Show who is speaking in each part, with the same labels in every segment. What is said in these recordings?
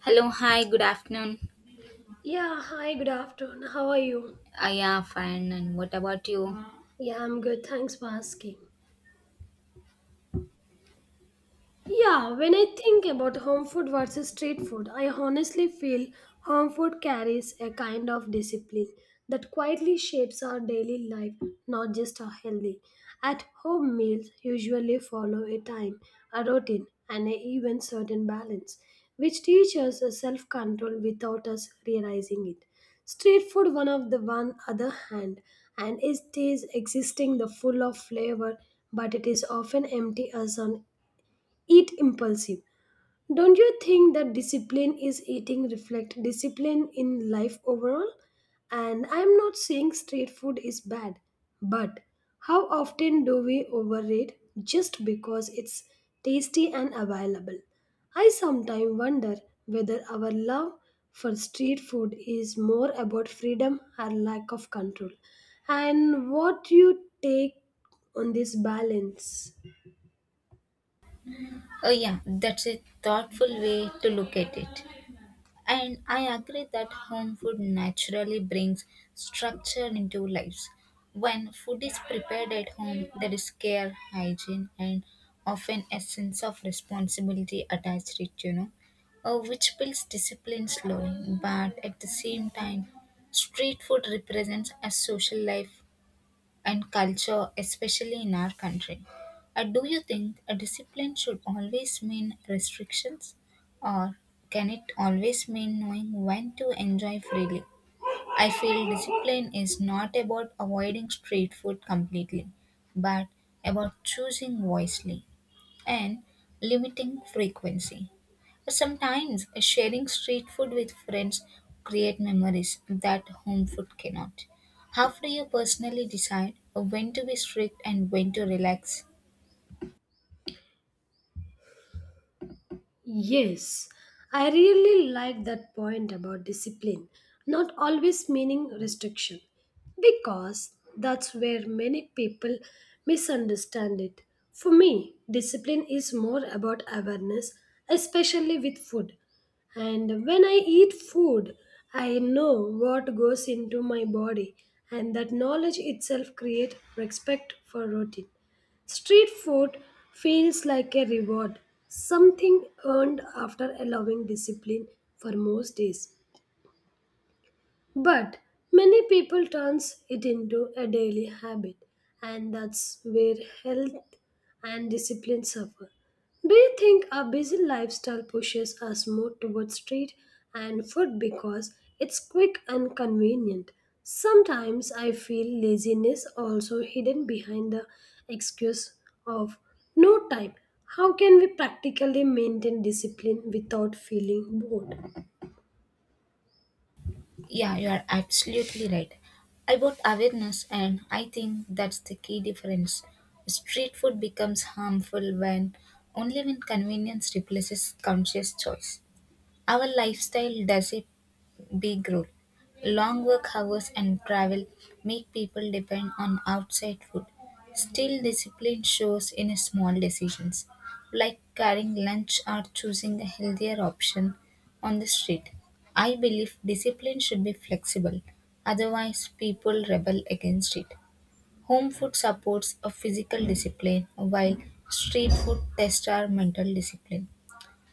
Speaker 1: Hello, hi, good afternoon.
Speaker 2: Yeah, hi, good afternoon. How are you?
Speaker 1: Yeah, fine. And what about you?
Speaker 2: Yeah, I'm good. Thanks for asking. Yeah, when I think about home food versus street food, I honestly feel home food carries a kind of discipline that quietly shapes our daily life, not just our healthy. At home, meals usually follow a time, a routine, and a even certain balance, which teaches us self control without us realizing it. Street food, one of the one other hand, and it is existing the full of flavor, but it is often empty as on eat impulsive don't you think that discipline is eating reflect discipline in life overall and I'm not saying street food is bad but how often do we overrate just because it's tasty and available. I sometimes wonder whether our love for street food is more about freedom or lack of control and what you take on this balance.
Speaker 1: Oh, yeah, that's a thoughtful way to look at it. And I agree that home food naturally brings structure into lives. When food is prepared at home, there is care, hygiene, and often a sense of responsibility attached to it, you know, which builds discipline slowly. But at the same time, street food represents a social life and culture, especially in our country. Do you think a discipline should always mean restrictions, or can it always mean knowing when to enjoy freely? I feel discipline is not about avoiding street food completely, but about choosing wisely and limiting frequency. Sometimes sharing street food with friends create memories that home food cannot. How do you personally decide when to be strict and when to relax?
Speaker 2: Yes, I really like that point about discipline, not always meaning restriction, because that's where many people misunderstand it. For me, discipline is more about awareness, especially with food. And when I eat food, I know what goes into my body, and that knowledge itself creates respect for routine. Street food feels like a reward, something earned after allowing discipline for most days. But many people turns it into a daily habit and that's where health and discipline suffer. Do you think our busy lifestyle pushes us more towards street and food because it's quick and convenient? Sometimes I feel laziness also hidden behind the excuse of no time. How can we practically maintain discipline without feeling bored?
Speaker 1: Yeah, you are absolutely right. About awareness, and I think that's the key difference. Street food becomes harmful when only when convenience replaces conscious choice. Our lifestyle does it. Big rule, long work hours and travel make people depend on outside food. Still, discipline shows in small decisions, like carrying lunch or choosing a healthier option on the street. I believe discipline should be flexible, otherwise, people rebel against it. Home food supports a physical discipline, while street food tests our mental discipline.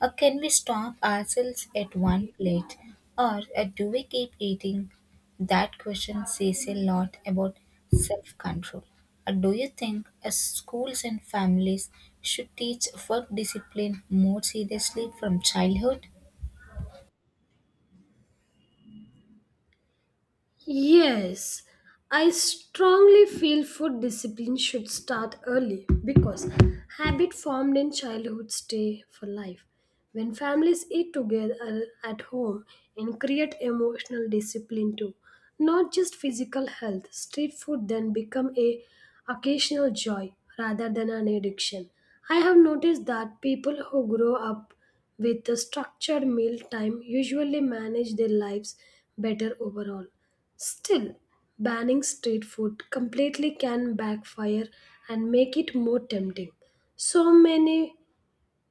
Speaker 1: Or can we stop ourselves at one plate? Or do we keep eating? That question says a lot about self control. Or do you think schools and families should teach work discipline more seriously from childhood?
Speaker 2: Yes, I strongly feel food discipline should start early because habit formed in childhood stay for life. When families eat together at home and create emotional discipline too, not just physical health, street food then become a occasional joy rather than an addiction. I have noticed that people who grow up with a structured meal time usually manage their lives better overall. Still, banning street food completely can backfire and make it more tempting. So many,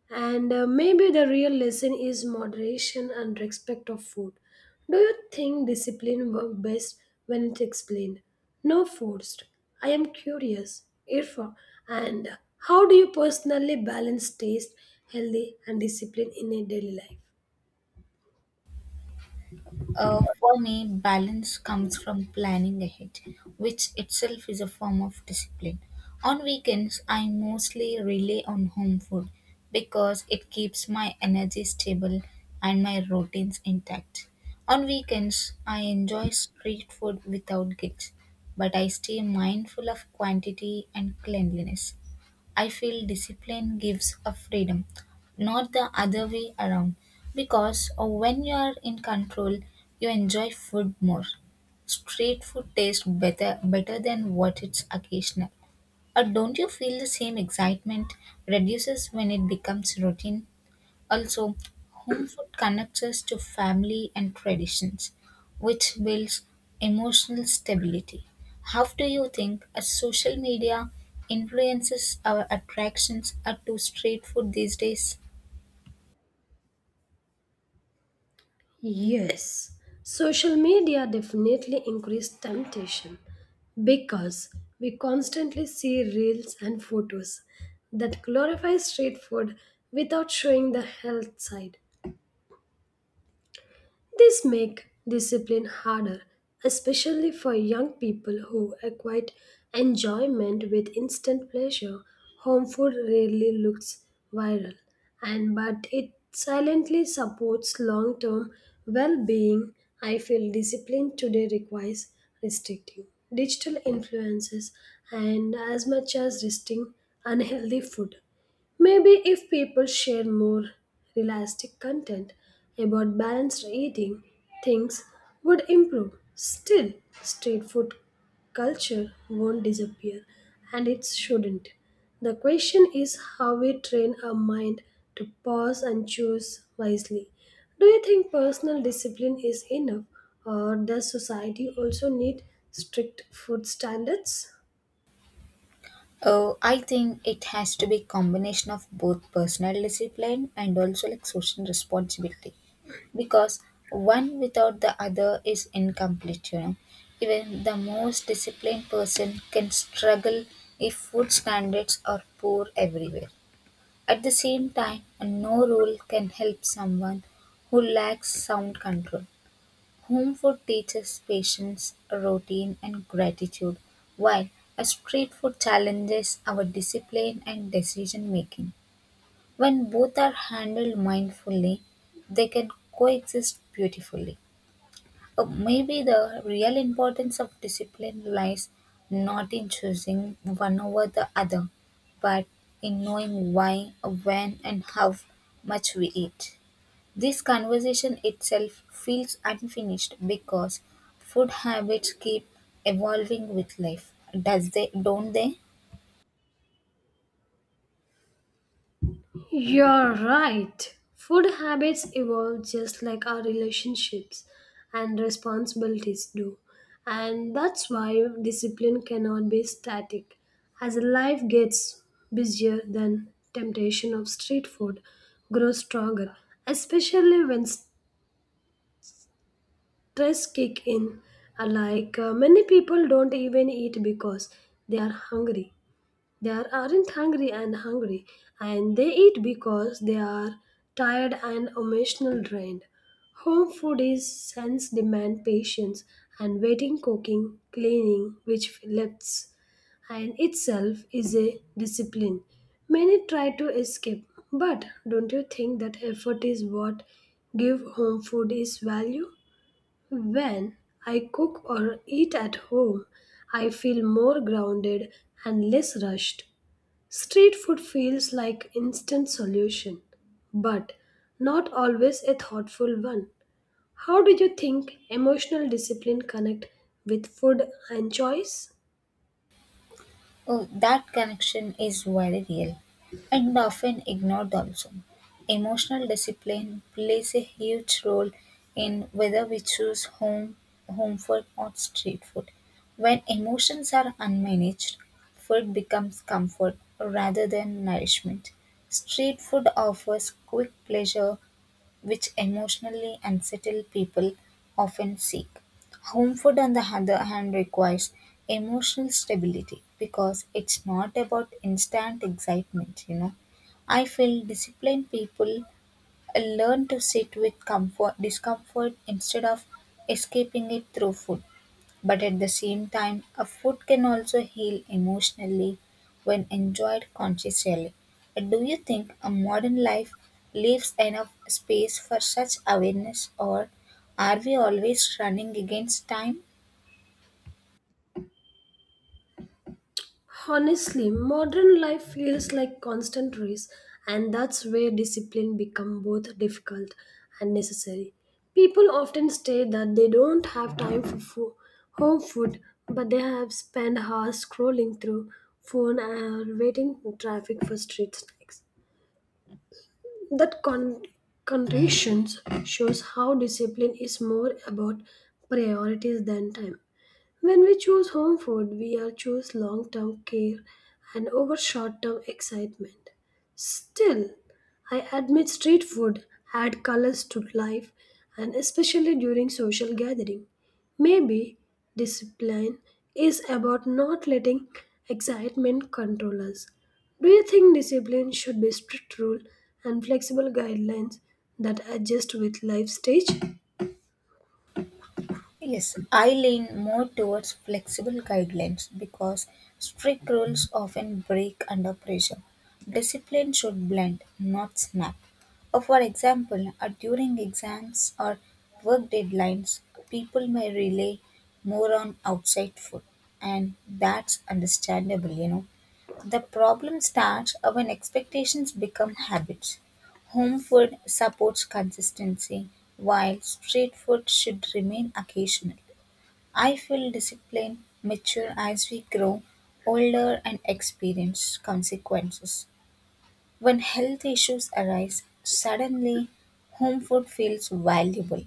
Speaker 2: and maybe the real lesson is moderation and respect of food. Do you think discipline works best when it's explained? No forced. I am curious, Irfa, and how do you personally balance taste, healthy, and discipline in a daily life?
Speaker 1: For me, balance comes from planning ahead, which itself is a form of discipline. On weekends, I mostly rely on home food because it keeps my energy stable and my routines intact. On weekends, I enjoy street food without guilt, but I stay mindful of quantity and cleanliness. I feel discipline gives a freedom, not the other way around. Because when you are in control, you enjoy food more. Street food tastes better than what it's occasional. Or don't you feel the same excitement reduces when it becomes routine? Also, home food connects us to family and traditions, which builds emotional stability. How do you think a social media influences our attractions to street food these days?
Speaker 2: Yes, social media definitely increased temptation because we constantly see reels and photos that glorify street food without showing the health side. This makes discipline harder, especially for young people who equate enjoyment with instant pleasure. Home food rarely looks viral, and but it silently supports long-term well-being. I feel discipline today requires restricting digital influences and as much as restricting unhealthy food. Maybe if people share more realistic content about balanced eating, things would improve. Still, street food culture won't disappear, and it shouldn't. The question is how we train our mind to pause and choose wisely. Do you think personal discipline is enough, or does society also need strict food standards?
Speaker 1: Oh, I think it has to be combination of both personal discipline and also like social responsibility because one without the other is incomplete, you know. Even the most disciplined person can struggle if food standards are poor everywhere. At the same time, no rule can help someone who lacks sound control. Home food teaches patience, routine, and gratitude, while a street food challenges our discipline and decision making. When both are handled mindfully, they can coexist beautifully. Maybe the real importance of discipline lies not in choosing one over the other, but in knowing why, when, and how much we eat. This conversation itself feels unfinished because food habits keep evolving with life. Does they don't they?
Speaker 2: You're right. Food habits evolve just like our relationships and responsibilities do. And that's why discipline cannot be static. As life gets busier, then temptation of street food grows stronger, especially when stress kick in. Like many people don't even eat because they are hungry. They are, aren't hungry and hungry, and they eat because they are tired and emotional drained. Home food is sense demand patience and waiting, cooking, cleaning, which lifts, and itself is a discipline. Many try to escape, but don't you think that effort is what give home food its value? When I cook or eat at home, I feel more grounded and less rushed. Street food feels like instant solution, but not always a thoughtful one. How do you think emotional discipline connect with food and choice?
Speaker 1: Oh, that connection is very real and often ignored also. Emotional discipline plays a huge role in whether we choose home food or street food. When emotions are unmanaged, food becomes comfort rather than nourishment. Street food offers quick pleasure which emotionally unsettled people often seek. Home food, on the other hand, requires emotional stability because it's not about instant excitement, you know. I feel disciplined people learn to sit with comfort, discomfort instead of escaping it through food. But at the same time, a food can also heal emotionally when enjoyed consciously. Do you think a modern life leaves enough space for such awareness, or are we always running against time?
Speaker 2: Honestly, modern life feels like constant race, and that's where discipline become both difficult and necessary. People often state that they don't have time for home food, but they have spent hours scrolling through phone and waiting in traffic for street snacks. That conditions shows how discipline is more about priorities than time. When we choose home food, we are choose long term care and over short term excitement. Still, I admit street food add colors to life and especially during social gathering. Maybe discipline is about not letting excitement control us. Do you think discipline should be strict rule and flexible guidelines that adjust with life stage?
Speaker 1: Yes, I lean more towards flexible guidelines because strict rules often break under pressure. Discipline should blend, not snap. For example, during exams or work deadlines, people may rely more on outside food, and that's understandable, you know. The problem starts when expectations become habits. Home food supports consistency, while street food should remain occasional. I feel discipline mature as we grow older and experience consequences. When health issues arise, suddenly home food feels valuable.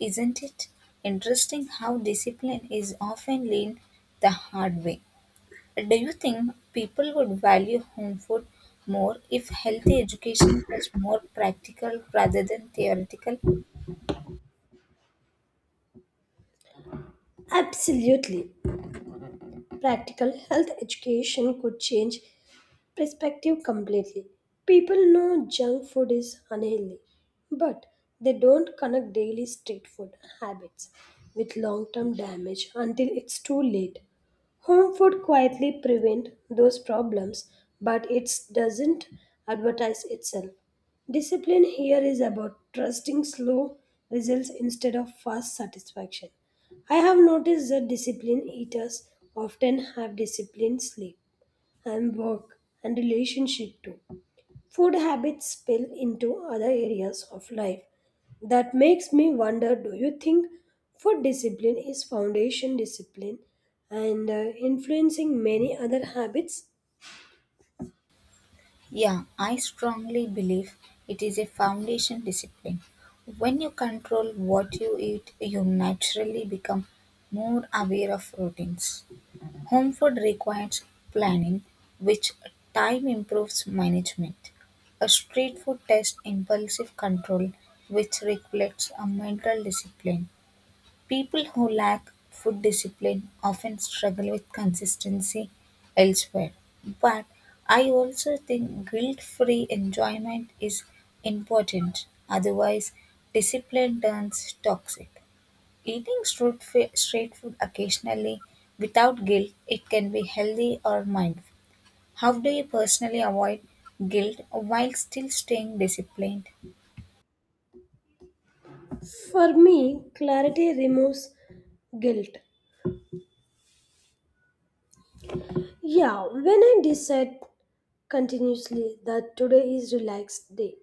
Speaker 1: Isn't it interesting how discipline is often learned the hard way? Do you think people would value home food more if healthy education was more practical rather than theoretical?
Speaker 2: Absolutely. Practical health education could change perspective completely. People know junk food is unhealthy, but they don't connect daily street food habits with long term damage until it's too late. Home food quietly prevent those problems, but it doesn't advertise itself. Discipline here is about trusting slow results instead of fast satisfaction. I have noticed that disciplined eaters often have disciplined sleep and work and relationship too. Food habits spill into other areas of life. That makes me wonder do you think food discipline is foundation discipline and influencing many other habits?
Speaker 1: Yeah, I strongly believe it is a foundation discipline. When you control what you eat, you naturally become more aware of routines. Home food requires planning, which time improves management. A street food tests impulsive control, which reflects a mental discipline. People who lack food discipline often struggle with consistency elsewhere. But I also think guilt free enjoyment is important, otherwise, discipline turns toxic. Eating street food occasionally without guilt, it can be healthy or mindful. How do you personally avoid guilt while still staying disciplined?
Speaker 2: For me, clarity removes guilt. Yeah, when I decide continuously that today is relaxed day,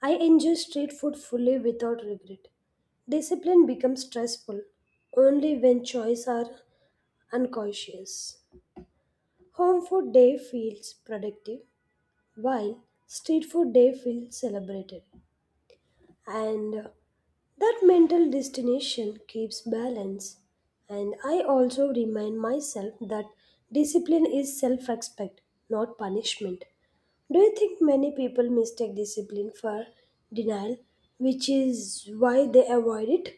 Speaker 2: I enjoy street food fully without regret. Discipline becomes stressful only when choices are unconscious. Home food day feels productive, while street food day feels celebrated and that mental destination keeps balance. And I also remind myself that discipline is self respect, not punishment. Do you think many people mistake discipline for denial, which is why they avoid it?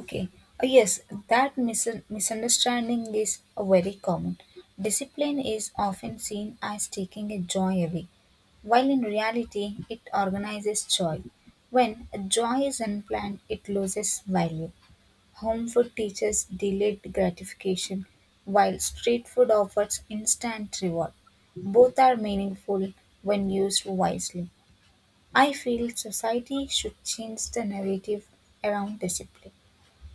Speaker 1: Okay. Yes, that misunderstanding is very common. Discipline is often seen as taking a joy away, while in reality, it organizes joy. When a joy is unplanned, it loses value. Home food teaches delayed gratification, while street food offers instant reward. Both are meaningful when used wisely. I feel society should change the narrative around discipline.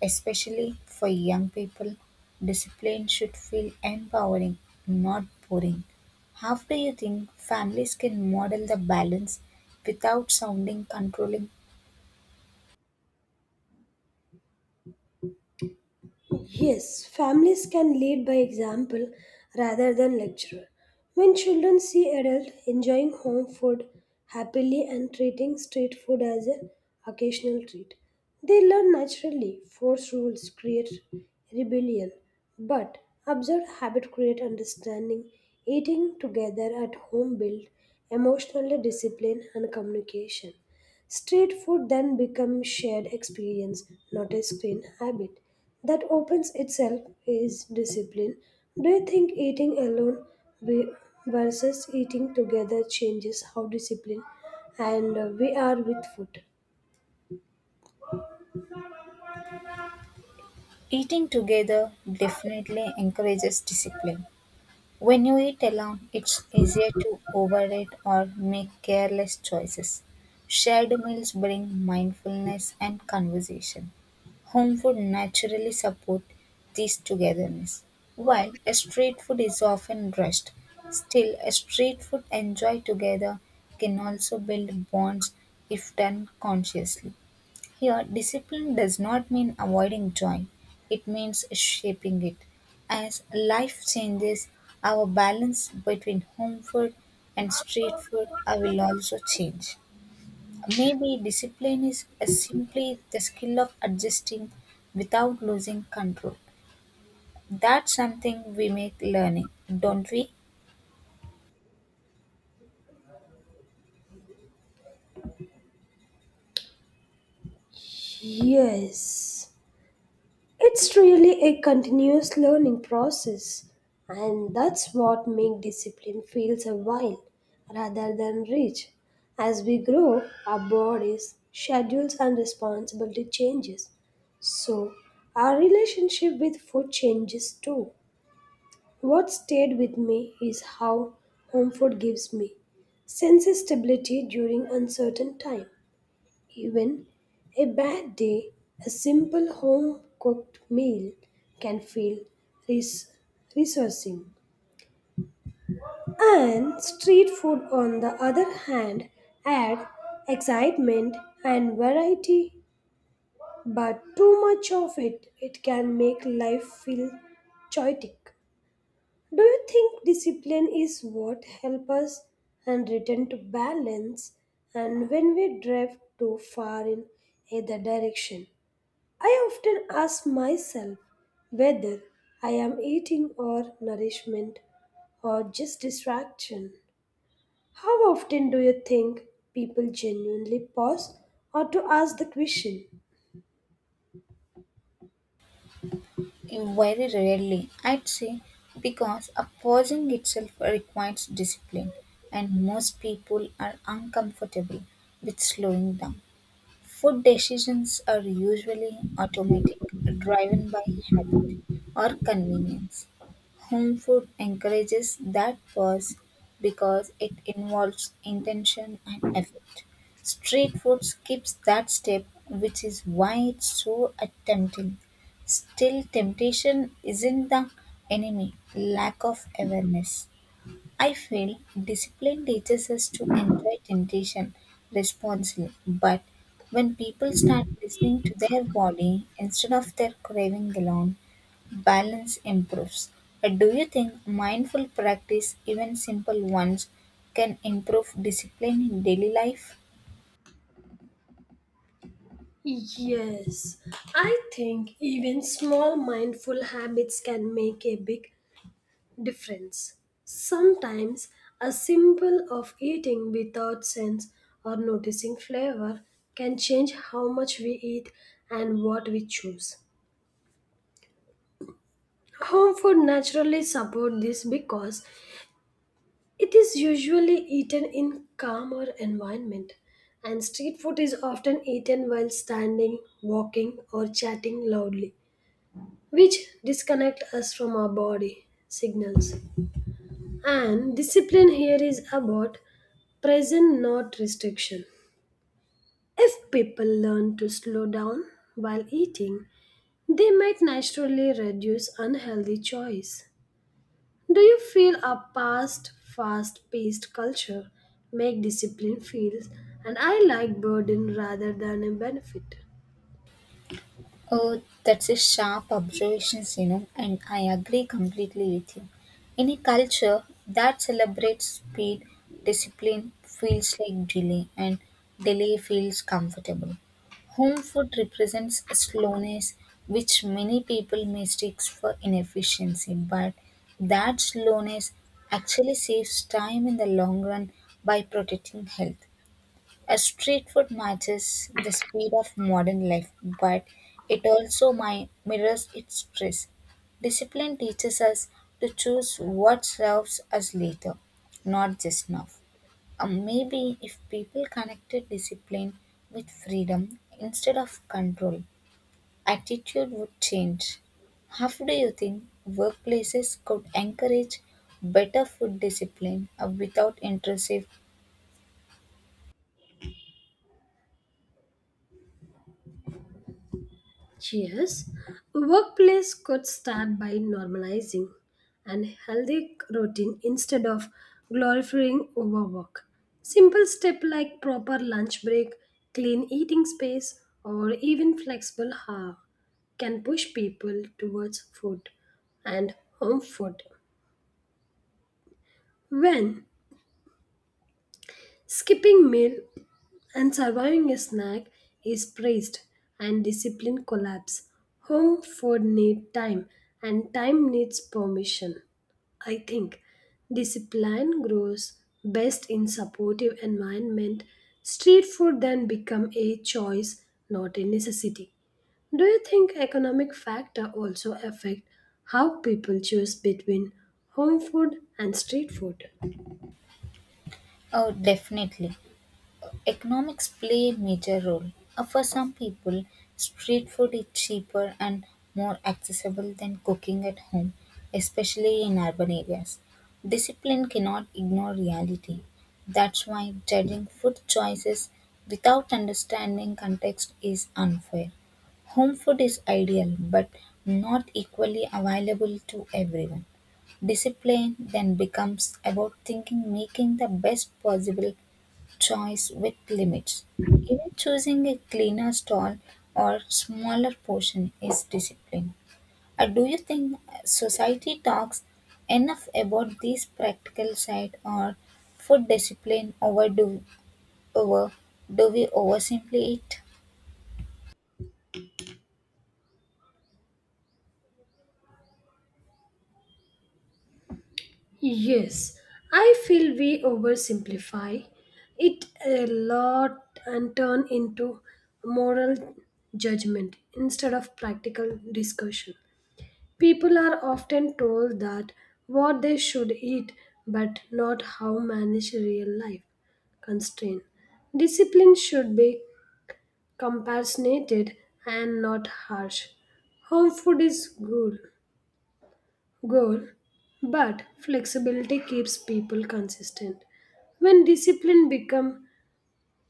Speaker 1: Especially for young people, discipline should feel empowering, not boring. How do you think families can model the balance without sounding controlling?
Speaker 2: Yes, families can lead by example rather than lecture. When children see adults enjoying home food happily and treating street food as an occasional treat, they learn naturally. Force rules create rebellion, but observed habit create understanding. Eating together at home build emotional discipline and communication. Street food then becomes shared experience, not a screen habit that opens itself is discipline. Do you think eating alone ve- versus eating together changes how discipline and we are with food?
Speaker 1: Eating together definitely encourages discipline. When you eat alone, it's easier to overeat or make careless choices. Shared meals bring mindfulness and conversation. Home food naturally support this togetherness. While a street food is often rushed, still a street food enjoyed together can also build bonds if done consciously. Here, discipline does not mean avoiding joy, it means shaping it. As life changes, our balance between home food and street food will also change. Maybe discipline is simply the skill of adjusting without losing control. That's something we make learning, don't we?
Speaker 2: Yes. It's really a continuous learning process, and that's what makes discipline feels a while rather than rich. As we grow, our bodies, schedules, and responsibility changes. So, our relationship with food changes too. What stayed with me is how home food gives me sense of stability during uncertain time even a bad day, a simple home cooked meal can feel res- resourcing. And street food, on the other hand, add excitement and variety, but too much of it, it can make life feel chaotic. Do you think discipline is what helps us and return to balance and when we drift too far in either direction? I often ask myself whether I am eating or nourishment or just distraction. How often do you think people genuinely pause or to ask the question?
Speaker 1: Very rarely, I'd say, because opposing itself requires discipline, and most people are uncomfortable with slowing down. Food decisions are usually automatic, driven by habit or convenience. Home food encourages that pause because it involves intention and effort. Street food skips that step, which is why it's so tempting. Still, temptation isn't the enemy, lack of awareness. I feel discipline teaches us to enjoy temptation responsibly, but when people start listening to their body instead of their craving alone, balance improves. But do you think mindful practice, even simple ones, can improve discipline in daily life?
Speaker 2: Yes, I think even small mindful habits can make a big difference. Sometimes a symbol of eating without sense or noticing flavor can change how much we eat and what we choose. Home food naturally support this because it is usually eaten in calmer environment and street food is often eaten while standing, walking or chatting loudly which disconnect us from our body signals. And discipline here is about present, not restriction. If people learn to slow down while eating, they might naturally reduce unhealthy choice. Do you feel our past fast paced culture make discipline feel an I like burden rather than a benefit?
Speaker 1: Oh, that's a sharp observation, you know, and I agree completely with you. In a culture that celebrates speed, discipline feels like delay, and delay feels comfortable. Home food represents a slowness which many people mistake for inefficiency, but that slowness actually saves time in the long run by protecting health. A street food matches the speed of modern life, but it also mirrors its stress. Discipline teaches us to choose what serves us later, not just now. Maybe if people connected discipline with freedom instead of control, attitude would change. How do you think workplaces could encourage better food discipline without intrusive?
Speaker 2: Yes, workplace could start by normalizing and healthy routine instead of glorifying overwork. Simple step like proper lunch break, clean eating space, or even flexible hour can push people towards food and home food. When skipping meal and surviving a snack is praised and discipline collapse. Home food need time and time needs permission. I think discipline grows best in supportive environment. Street food then become a choice, not a necessity. Do you think economic factor also affect how people choose between home food and street food?
Speaker 1: Oh, definitely. Economics play a major role. For some people, street food is cheaper and more accessible than cooking at home, especially in urban areas. Discipline cannot ignore reality. That's why judging food choices without understanding context is unfair. Home food is ideal but not equally available to everyone. Discipline then becomes about thinking making the best possible choice with limits. Even choosing a cleaner stall or smaller portion is discipline. Do you think society talks enough about this practical side or food discipline over do we oversimplify it?
Speaker 2: Yes, I feel we oversimplify it a lot and turn into moral judgment instead of practical discussion. People are often told that what they should eat, but not how manage real life constraint. Discipline should be compassionated and not harsh. Home food is good, goal, but flexibility keeps people consistent. When discipline become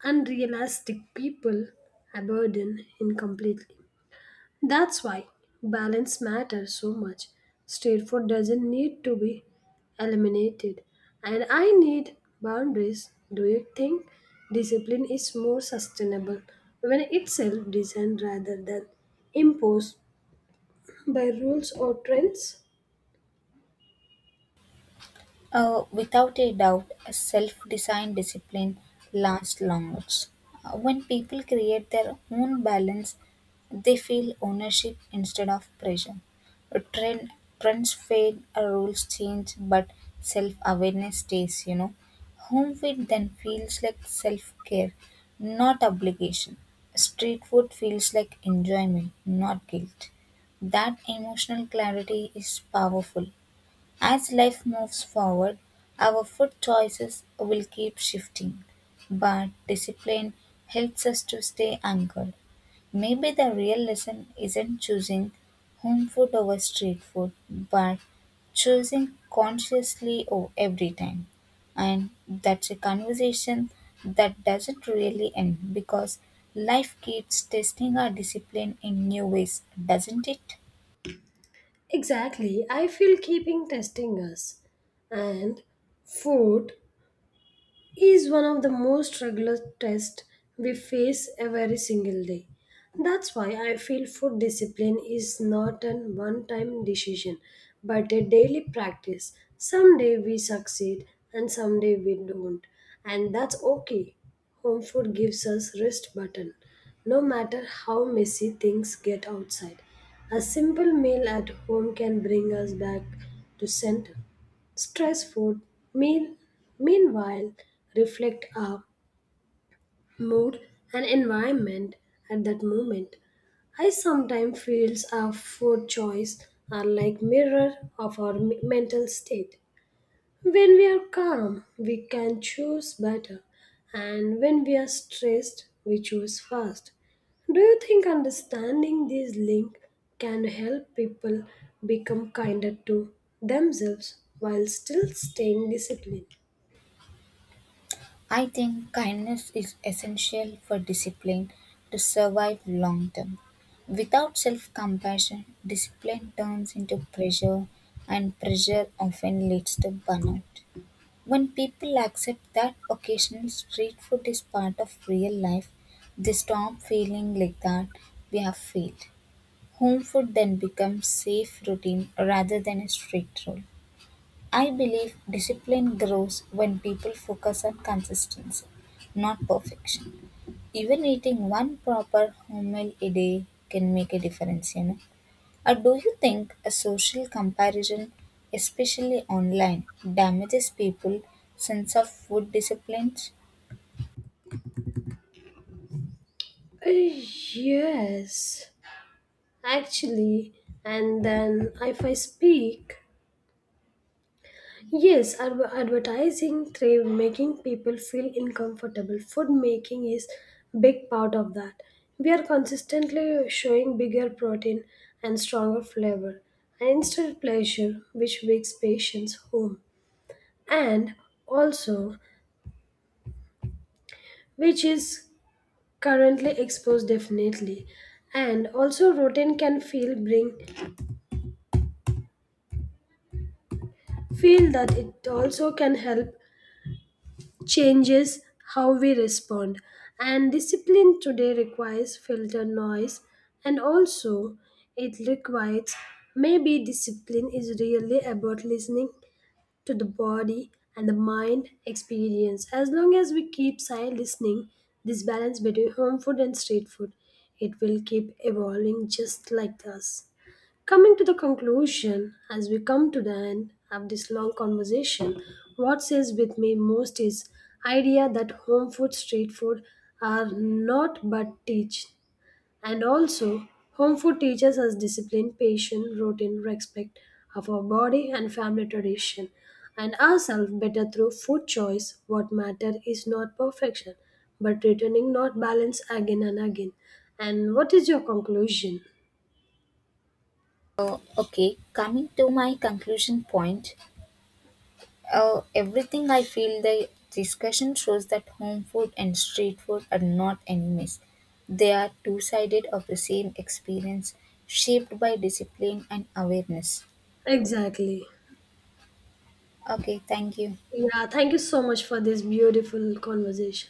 Speaker 2: unrealistic, people abandon incompletely. That's why balance matters so much. Street food doesn't need to be eliminated, and I need boundaries. Do you think discipline is more sustainable when it's self-designed rather than imposed by rules or trends?
Speaker 1: Without a doubt, self designed discipline lasts longest. When people create their own balance, they feel ownership instead of pressure. Uh, Trend, trends fade, rules change, but self awareness stays, you know. Home food then feels like self care, not obligation. Street food feels like enjoyment, not guilt. That emotional clarity is powerful. As life moves forward, our food choices will keep shifting, but discipline helps us to stay anchored. Maybe the real lesson isn't choosing home food over street food, but choosing consciously every time. And that's a conversation that doesn't really end because life keeps testing our discipline in new ways, doesn't it?
Speaker 2: Exactly, I feel keeping testing us. And food, is one of the most regular tests we face every single day. That's why I feel food discipline is not a one time decision but a daily practice. Someday we succeed and someday we don't, and that's okay. Home food gives us rest button, no matter how messy things get outside. A simple meal at home can bring us back to center. Stress food, mean, meanwhile, reflect our mood and environment at that moment. I sometimes feel our food choice are like mirror of our mental state. When we are calm, we can choose better, and when we are stressed, we choose fast. Do you think understanding this link can help people become kinder to themselves while still staying disciplined?
Speaker 1: I think kindness is essential for discipline to survive long term. Without self compassion, discipline turns into pressure, and pressure often leads to burnout. When people accept that occasional street food is part of real life, they stop feeling like that we have failed. Home food then becomes safe routine rather than a strict rule. I believe discipline grows when people focus on consistency, not perfection. Even eating one proper whole meal a day can make a difference, you know. Or do you think a social comparison, especially online, damages people's sense of food disciplines?
Speaker 2: Yes, actually, and then if I speak, yes, advertising through making people feel uncomfortable. Food making is big part of that. We are consistently showing bigger protein and stronger flavor, and instant pleasure, which wakes patients home, and also which is currently exposed definitely, and also routine can feel bring feel that it also can help changes how we respond. And discipline today requires filter noise, and also it requires maybe discipline is really about listening to the body and the mind experience. As long as we keep silent listening, this balance between home food and street food, it will keep evolving just like us. Coming to the conclusion, as we come to the end of this long conversation, what says with me most is idea that home food, street food are not but teach. And also, home food teaches us discipline, patience, routine, respect of our body and family tradition, and ourselves better through food choice. What matter is not perfection, but returning not balance again and again. And what is your conclusion?
Speaker 1: Okay, coming to my conclusion point, oh, everything I feel the discussion shows that home food and street food are not enemies. They are two sided of the same experience, shaped by discipline and awareness.
Speaker 2: Exactly.
Speaker 1: Okay, thank you.
Speaker 2: Yeah, thank you so much for this beautiful conversation.